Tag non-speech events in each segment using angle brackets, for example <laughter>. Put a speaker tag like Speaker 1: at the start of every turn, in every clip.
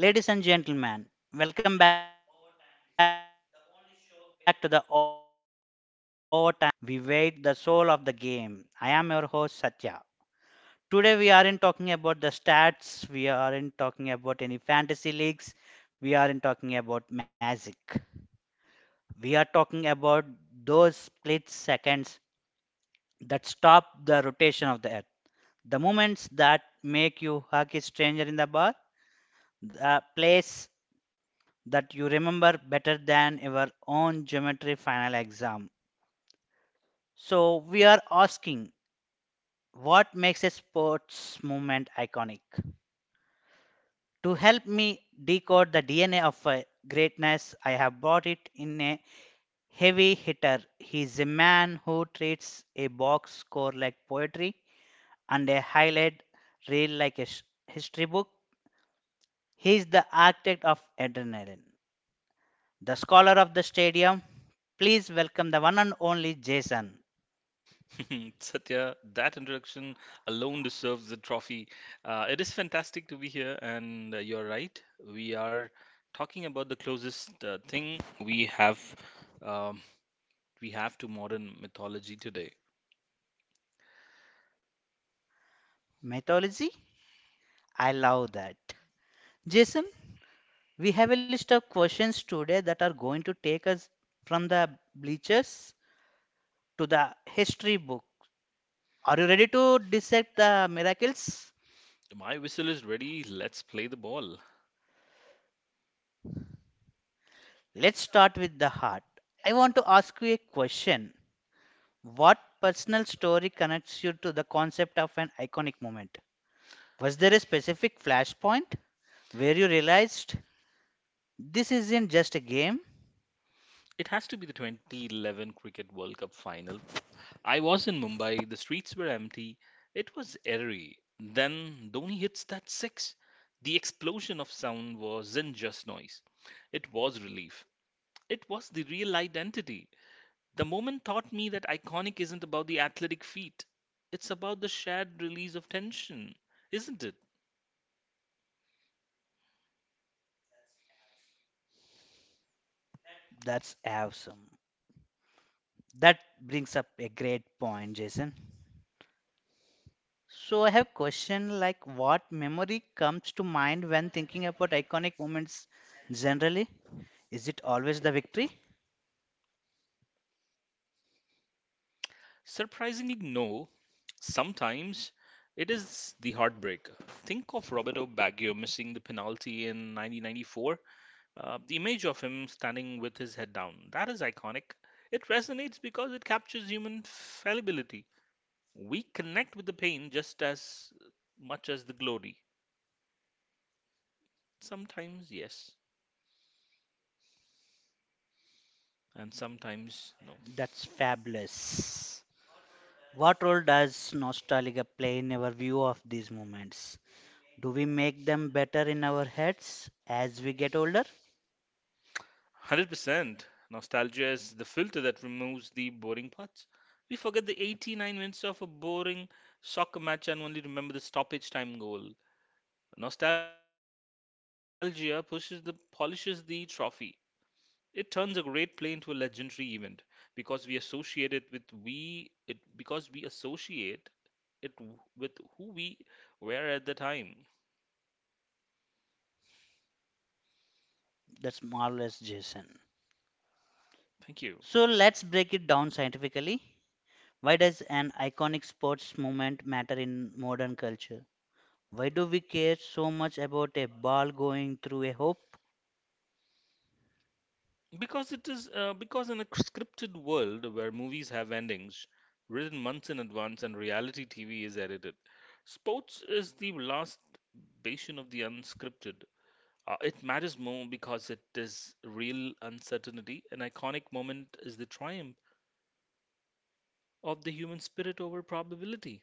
Speaker 1: Ladies and gentlemen, welcome back to the Overtime Whistle, the only show where we don't just count the score. We weigh the soul of the game. I am your host Satya. Today we aren't talking about the stats, we aren't talking about any fantasy leagues, we aren't talking about magic. We are talking about those split seconds that stop the rotation of the earth. The moments that make you hug a stranger in the bar, the place that you remember better than your own geometry final exam. So, we are asking, what makes a sports movement iconic? To help me decode the DNA of greatness, I have brought it in a heavy hitter. He's a man who treats a box score like poetry and a highlight reel like a history book. He's the architect of adrenaline, the scholar of the stadium. Please welcome the one and only Jason.
Speaker 2: <laughs> Satya, that introduction alone deserves the trophy. It is fantastic to be here, and you're right. We are talking about the closest thing um, we have to modern mythology today.
Speaker 1: Mythology? I love that. Jason, we have a list of questions today that are going to take us from the bleachers to the history book. Are you ready to dissect the miracles?
Speaker 2: My whistle is ready. Let's play the ball.
Speaker 1: Let's start with the heart. I want to ask you a question. What personal story connects you to the concept of an iconic moment? Was there a specific flashpoint where you realized this isn't just a game?
Speaker 2: It has to be the 2011 Cricket World Cup final. I was in Mumbai. The streets were empty, it was eerie. Then Dhoni hits that six. The explosion of sound wasn't just noise, it was relief. It was the real identity. The moment taught me that iconic isn't about the athletic feat, it's about the shared release of tension, isn't it?
Speaker 1: That's awesome. That brings up a great point, Jason. So I have question like what memory comes to mind when thinking about iconic moments generally? Is it always the victory?
Speaker 2: Surprisingly, no. Sometimes it is the heartbreaker. Think of Roberto Baggio missing the penalty in 1994. The image of him standing with his head down, that is iconic. It resonates because it captures human fallibility. We connect with the pain just as much as the glory. Sometimes, yes, and sometimes, no.
Speaker 1: That's fabulous. What role does nostalgia play in our view of these moments? Do we make them better in our heads as we get older?
Speaker 2: 100%. Nostalgia is the filter that removes the boring parts. We forget the 89 minutes of a boring soccer match and only remember the stoppage time goal. Nostalgia pushes the polishes the trophy. It turns a great play into a legendary event because we associate it with because we associate it with who we were at the time.
Speaker 1: That's marvelous, Jason.
Speaker 2: Thank you.
Speaker 1: So let's break it down scientifically. Why does an iconic sports moment matter in modern culture? Why do we care so much about a ball going through a hoop?
Speaker 2: Because it is because in a scripted world where movies have endings written months in advance and reality TV is edited, sports is the last bastion of the unscripted. It matters more because it is real uncertainty. An iconic moment is the triumph of the human spirit over probability.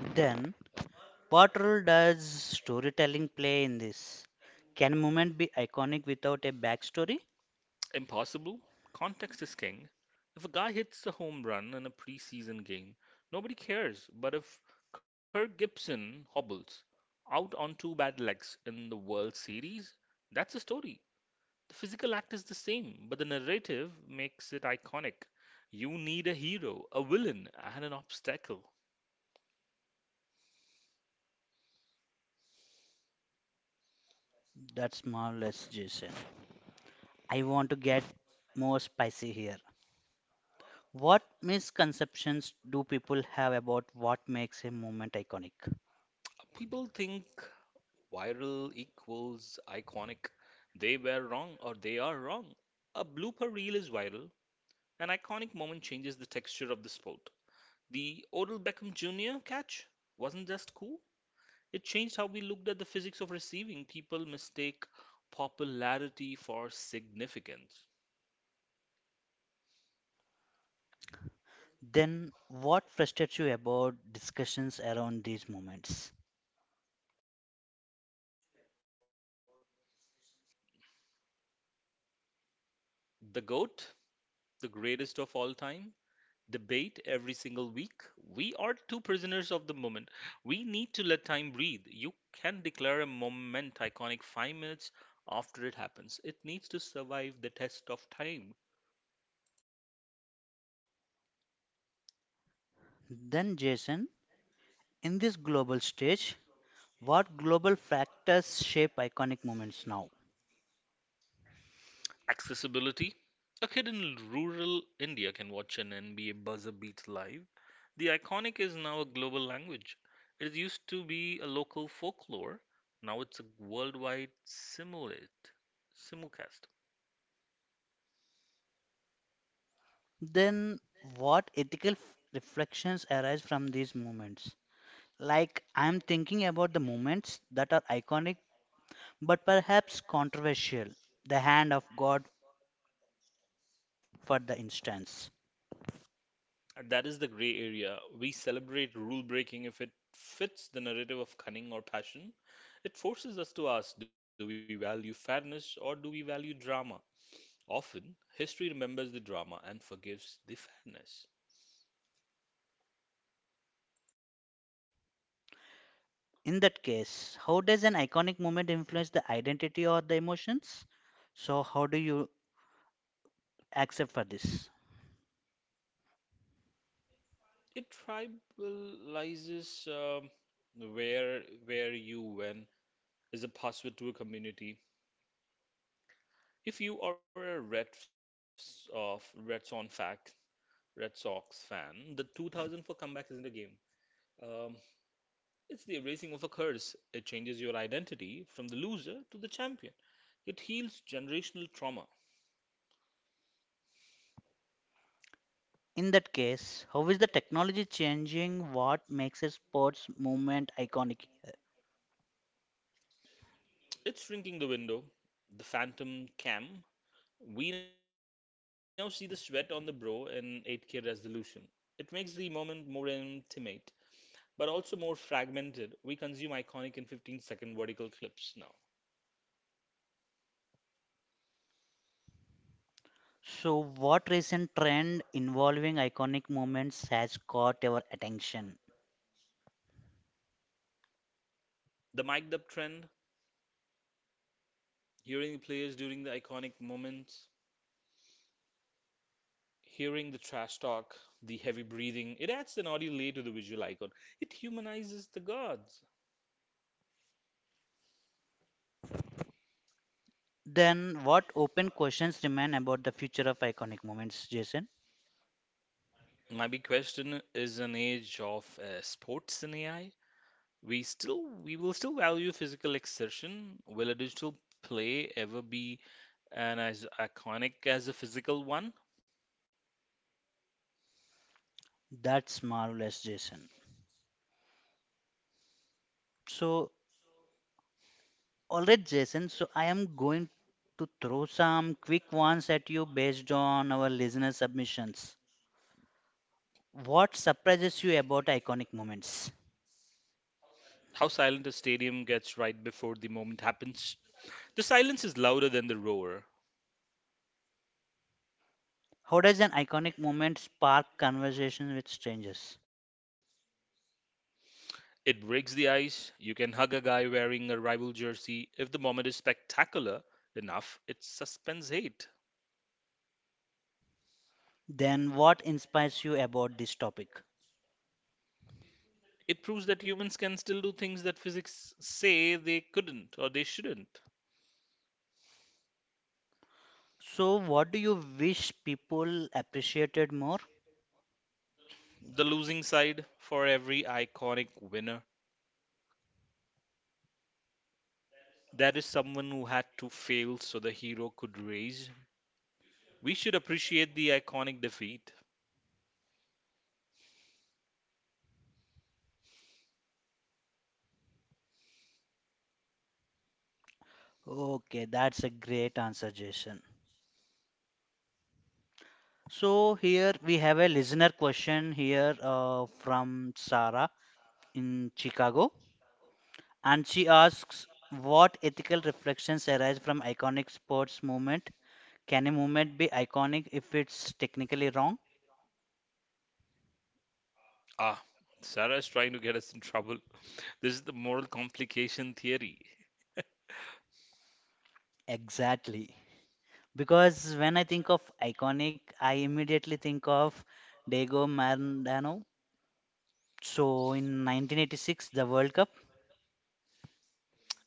Speaker 1: Then, what role does storytelling play in this? Can a moment be iconic without a backstory?
Speaker 2: Impossible? Context is king. If a guy hits a home run in a preseason game, nobody cares. But if Kirk Gibson hobbles out on two bad legs in the World Series, that's a story. The physical act is the same, but the narrative makes it iconic. You need a hero, a villain, and an obstacle.
Speaker 1: That's marvelous, Jason. I want to get more spicy here. What misconceptions do people have about what makes a moment iconic?
Speaker 2: People think viral equals iconic. They were wrong, or they are wrong. A blooper reel is viral. An iconic moment changes the texture of the sport. The Odell Beckham Jr. catch wasn't just cool, it changed how we looked at the physics of receiving. People mistake popularity for significance.
Speaker 1: Then, what frustrates you about discussions around these moments?
Speaker 2: The GOAT, the GOAT, the greatest of all time, debate every single week. We are two prisoners of the moment. We need to let time breathe. You can declare a moment iconic 5 minutes after it happens. It needs to survive the test of time.
Speaker 1: Then, Jason, in this global stage, what global factors shape iconic moments now?
Speaker 2: Accessibility. A kid in rural India can watch an NBA buzzer beat live. The iconic is now a global language. It used to be a local folklore. Now it's a worldwide simulate simulcast.
Speaker 1: Then, what ethical reflections arise from these moments? Like, I'm thinking about the moments that are iconic but perhaps controversial, the hand of God, for the instance.
Speaker 2: And that is the gray area. We celebrate rule breaking if it fits the narrative of cunning or passion. It forces us to ask, do we value fairness or do we value drama? Often, history remembers the drama and forgives the fairness.
Speaker 1: In that case, how does an iconic moment influence the identity or the emotions? So, how do you accept for this?
Speaker 2: It tribalizes, where you win is a password to a community. If you are a Reds of Red Sox fan, the 2004 comeback isn't a game. Um, it's the erasing of a curse. It changes your identity from the loser to the champion. It heals generational trauma.
Speaker 1: In that case, how is the technology changing what makes a sports movement iconic?
Speaker 2: It's shrinking the window, the phantom cam. We now see the sweat on the bro in 8K resolution. It makes the moment more intimate, but also more fragmented. We consume iconic in 15-second vertical clips now.
Speaker 1: So, what recent trend involving iconic movements has caught our attention?
Speaker 2: The mic'd up trend, hearing the players during the iconic moments, hearing the trash talk, the heavy breathing, it adds an audio layer to the visual icon. It humanizes the gods.
Speaker 1: Then, what open questions remain about the future of iconic movements, Jason?
Speaker 2: My big question is an age of sports and AI. We will still value physical exertion. Will a digital play ever be and as iconic as a physical one?
Speaker 1: That's marvelous, Jason. So, alright, Jason. So, I am going to throw some quick ones at you based on our listener submissions. What surprises you about iconic moments?
Speaker 2: How silent a stadium gets right before the moment happens. The silence is louder than the roar.
Speaker 1: How does an iconic moment spark conversation with strangers?
Speaker 2: It breaks the ice. You can hug a guy wearing a rival jersey. If the moment is spectacular enough, it suspends hate.
Speaker 1: Then, what inspires you about this topic?
Speaker 2: It proves that humans can still do things that physics say they couldn't, or they shouldn't.
Speaker 1: So, what do you wish people appreciated more?
Speaker 2: The losing side, for every iconic winner, there is someone who had to fail so the hero could raise. We should appreciate the iconic defeat.
Speaker 1: Okay, that's a great answer, Jason. So, here we have a listener question here from Sarah in Chicago, and she asks, what ethical reflections arise from iconic sports movement? Can a movement be iconic if it's technically wrong?
Speaker 2: Ah, Sarah is trying to get us in trouble. This is the moral complication theory.
Speaker 1: Exactly. Because when I think of iconic, I immediately think of Diego Maradona. So in 1986, the World Cup.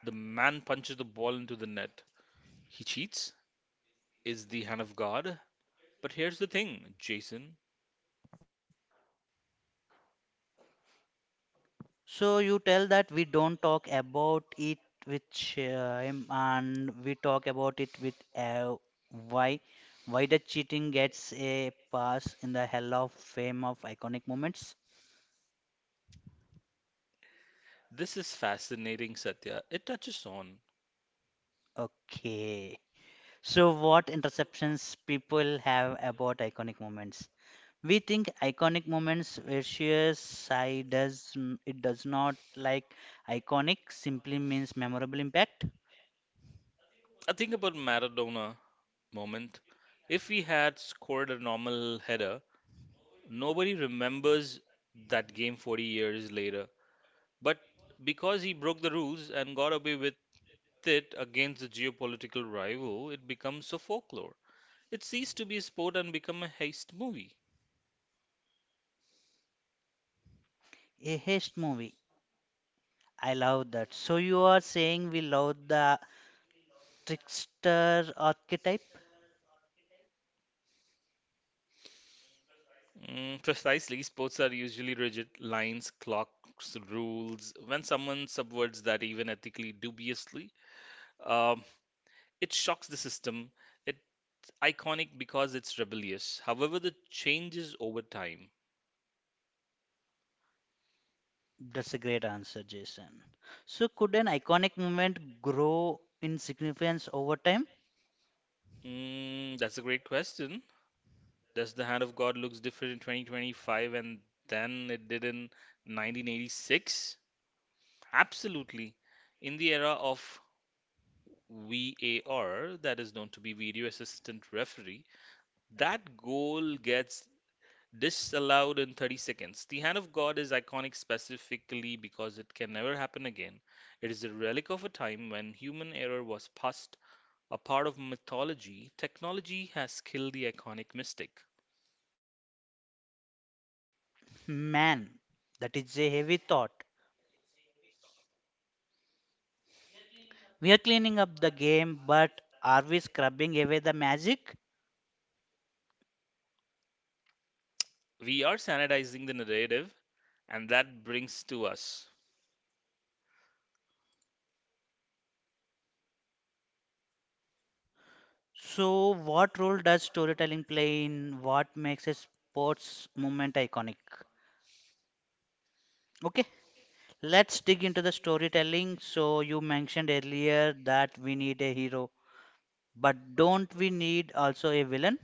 Speaker 2: The man punches the ball into the net. He cheats. Is the hand of God. But here's the thing, Jason.
Speaker 1: So you tell that we don't talk about it with shame and we talk about it with why. Why the cheating gets a pass in the hell of fame of iconic moments?
Speaker 2: This is fascinating, Satya. It touches on.
Speaker 1: Okay. So what interceptions people have about iconic moments? We think iconic moments where psi it does not like iconic simply means memorable impact.
Speaker 2: I think about Maradona moment. If he had scored a normal header, nobody remembers that game 40 years later. But because he broke the rules and got away with it against the geopolitical rival, it becomes so folklore. It ceased to be a sport and become a heist movie.
Speaker 1: A heist movie, I love that. So you are saying we love the trickster archetype.
Speaker 2: Precisely, sports are usually rigid lines, clocks, rules. When someone subverts that, even ethically dubiously, um, it shocks the system. It's iconic because it's rebellious. However, the changes over time.
Speaker 1: That's a great answer, Jason. So could an iconic moment grow in significance over time?
Speaker 2: That's a great question. Does the hand of God looks different in 2025 and then it did in 1986? Absolutely. In the era of VAR, that is known to be video assistant referee, that goal gets disallowed in 30 seconds. The hand of God is iconic specifically because it can never happen again. It is a relic of a time when human error was past a part of mythology. Technology has killed the iconic mystic.
Speaker 1: Man, that is a heavy thought. We are cleaning up the game, but are we scrubbing away the magic?
Speaker 2: We are sanitizing the narrative, and that brings to us.
Speaker 1: So, what role does storytelling play in what makes a sports moment iconic? Okay, let's dig into the storytelling. So, you mentioned earlier that we need a hero, but don't we need also a villain?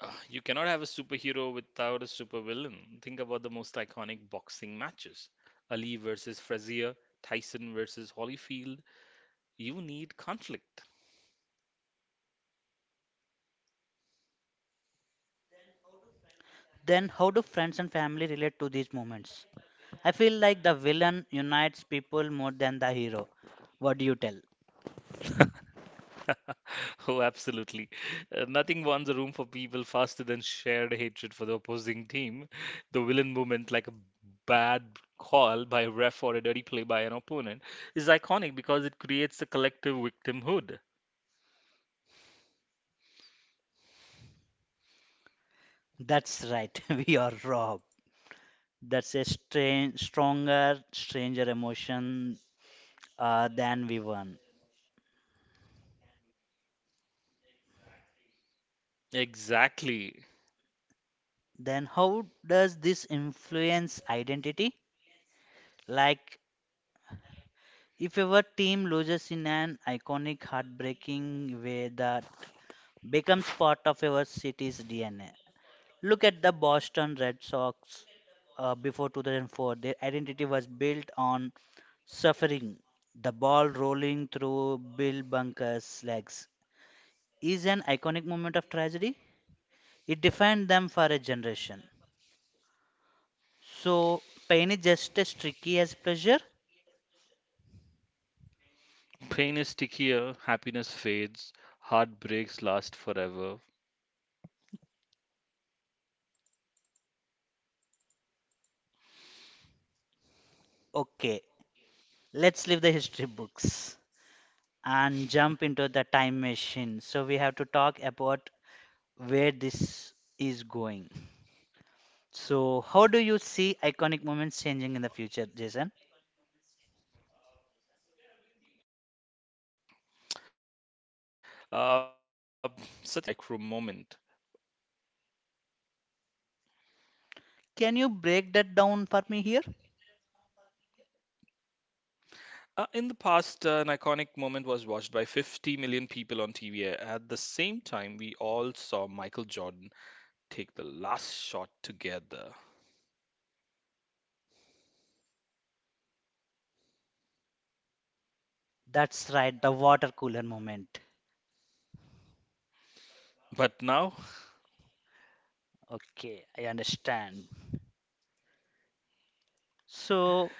Speaker 2: You cannot have a superhero without a supervillain. Think about the most iconic boxing matches. Ali versus Frazier, Tyson versus Holyfield. You need conflict.
Speaker 1: Then, how do friends and family relate to these moments? I feel like the villain unites people more than the hero. What do you tell?
Speaker 2: <laughs> Oh, absolutely. Nothing warms a room for people faster than shared hatred for the opposing team. The villain moment, like a bad call by a ref or a dirty play by an opponent, is iconic because it creates a collective victimhood.
Speaker 1: That's right, <laughs> we are Rob. That's a stranger emotion than we won.
Speaker 2: Exactly.
Speaker 1: Then how does this influence identity? Like, if your team loses in an iconic heartbreaking way that becomes part of your city's DNA. Look at the Boston Red Sox before 2004. Their identity was built on suffering. The ball rolling through Bill Bunker's legs is an iconic moment of tragedy. It defined them for a generation. So, pain is just as tricky as pleasure?
Speaker 2: Pain is stickier, happiness fades, heartbreaks last forever.
Speaker 1: Okay, let's leave the history books and jump into the time machine. So, we have to talk about where this is going. So, how do you see iconic moments changing in the future, Jason?
Speaker 2: Uh, Satya, I've been thinking about this a lot. We are moving from a mass event to the micro moment.
Speaker 1: Can you break that down for me here?
Speaker 2: In the past, an iconic moment was watched by 50 million people on TV. At the same time, we all saw Michael Jordan take the last shot together.
Speaker 1: That's right, the water cooler moment.
Speaker 2: But now,
Speaker 1: Okay, I understand. So,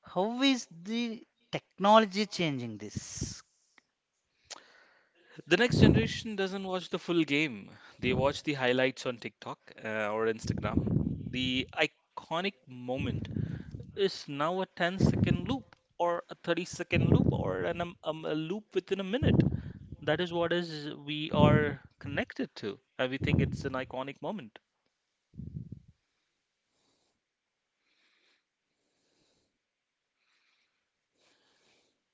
Speaker 1: how is the technology changing this?
Speaker 2: the next generation doesn't watch the full game. They watch the highlights on TikTok or Instagram. The iconic moment is now a ten-second loop, or a 30-second loop, or a loop within a minute. That is what is we are connected to, and we think it's an iconic moment.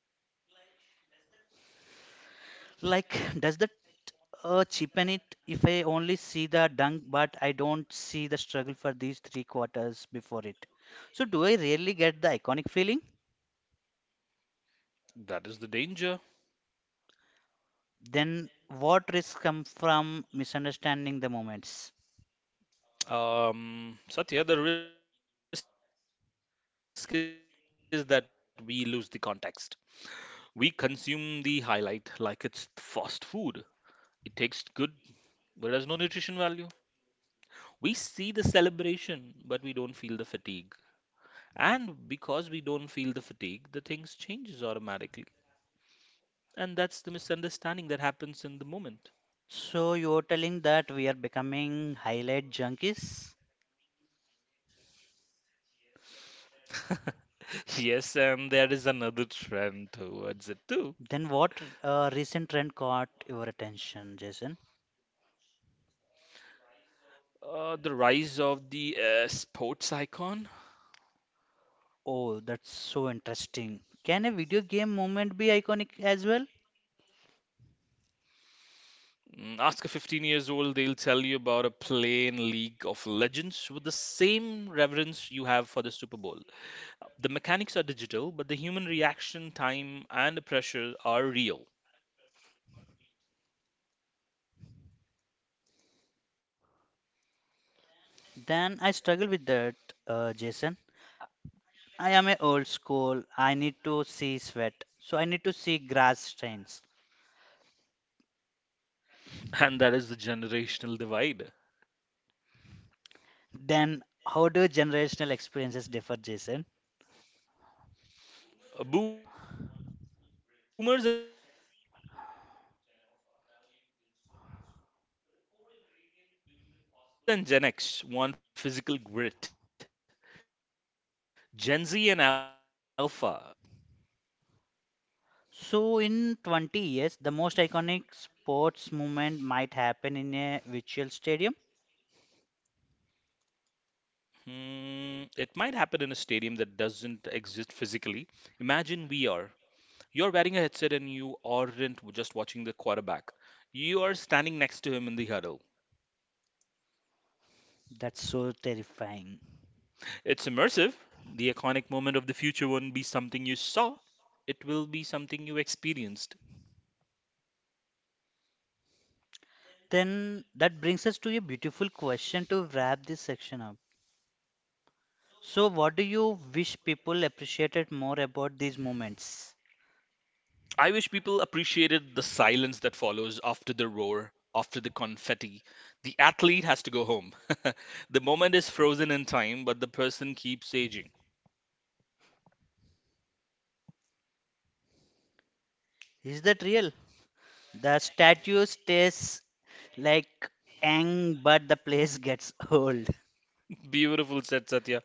Speaker 1: Like, does the cheapen it if I only see the dung, but I don't see the struggle for these three quarters before it? So, do I really get the iconic feeling?
Speaker 2: That is the danger.
Speaker 1: Then, what risks come from misunderstanding the moments?
Speaker 2: Satya, the risk is that we lose the context. We consume the highlight like it's fast food. It tastes good, but it has no nutrition value. We see the celebration, but we don't feel the fatigue. And because we don't feel the fatigue, the things changes automatically. And that's the misunderstanding that happens in the moment.
Speaker 1: So, you're telling that we are becoming highlight junkies?
Speaker 2: <laughs> Yes, and there is another trend towards it too.
Speaker 1: Then, what recent trend caught your attention, Jason?
Speaker 2: The rise of the sports icon.
Speaker 1: Oh, that's so interesting. Can a video game moment be iconic as well?
Speaker 2: Ask a 15 years old, they'll tell you about a plain League of Legends with the same reverence you have for the Super Bowl. The mechanics are digital, but the human reaction time and the pressure are real.
Speaker 1: Then I struggle with that, Jason. I am a old school. I need to see sweat. So I need to see grass stains.
Speaker 2: And that
Speaker 1: Then
Speaker 2: is the
Speaker 1: how do
Speaker 2: generational
Speaker 1: generational experiences
Speaker 2: divide.
Speaker 1: differ, Jason?
Speaker 2: Boomers and Gen X want physical grit. Gen Z and Alpha, Gen Alpha, value digital mastery. But the core ingredient, doing the impossible under pressure, remains the same.
Speaker 1: So in 20 years, the most iconic sports movement might happen in a virtual stadium.
Speaker 2: It might happen in a stadium that doesn't exist physically. Imagine VR. You're wearing a headset and you aren't just watching the quarterback. You are standing next to him in the huddle.
Speaker 1: That's so terrifying.
Speaker 2: It's immersive. The iconic moment of the future won't be something you saw, it will be something you experienced.
Speaker 1: Then that brings us to a beautiful question to wrap this section up. So what do you wish people appreciated more about these moments?
Speaker 2: I wish people appreciated the silence that follows after the roar, after the confetti. The athlete has to go home. <laughs> The moment is frozen in time, but the person keeps aging.
Speaker 1: Is that real? The statue stays like ang, but the place <laughs> gets old.
Speaker 2: <laughs> Beautiful, said Satya.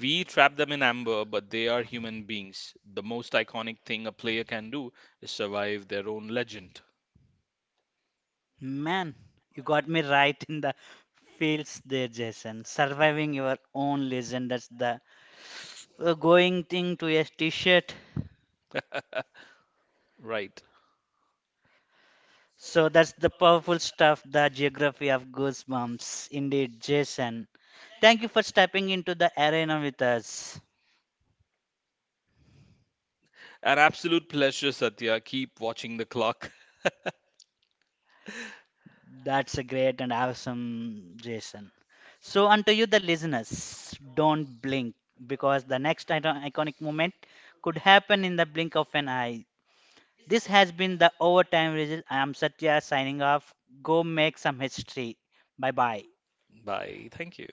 Speaker 2: We trap them in amber, but they are human beings. The most iconic thing a player can do is survive their own legend.
Speaker 1: Man, you got me right in the feels there, Jason. Surviving your own legend, that's the going thing to a t-shirt.
Speaker 2: Right.
Speaker 1: So that's the powerful stuff, the geography of goosebumps. Indeed, Jason. Thank you for stepping into the arena with us.
Speaker 2: An absolute pleasure, Satya. Keep watching the clock.
Speaker 1: That's a great and awesome Jason. So, unto you, the listeners, don't blink because the next iconic moment could happen in the blink of an eye. This has been the Overtime Result. I am Satya signing off. Go make some history. Bye bye.
Speaker 2: <laughs> Bye. Thank you.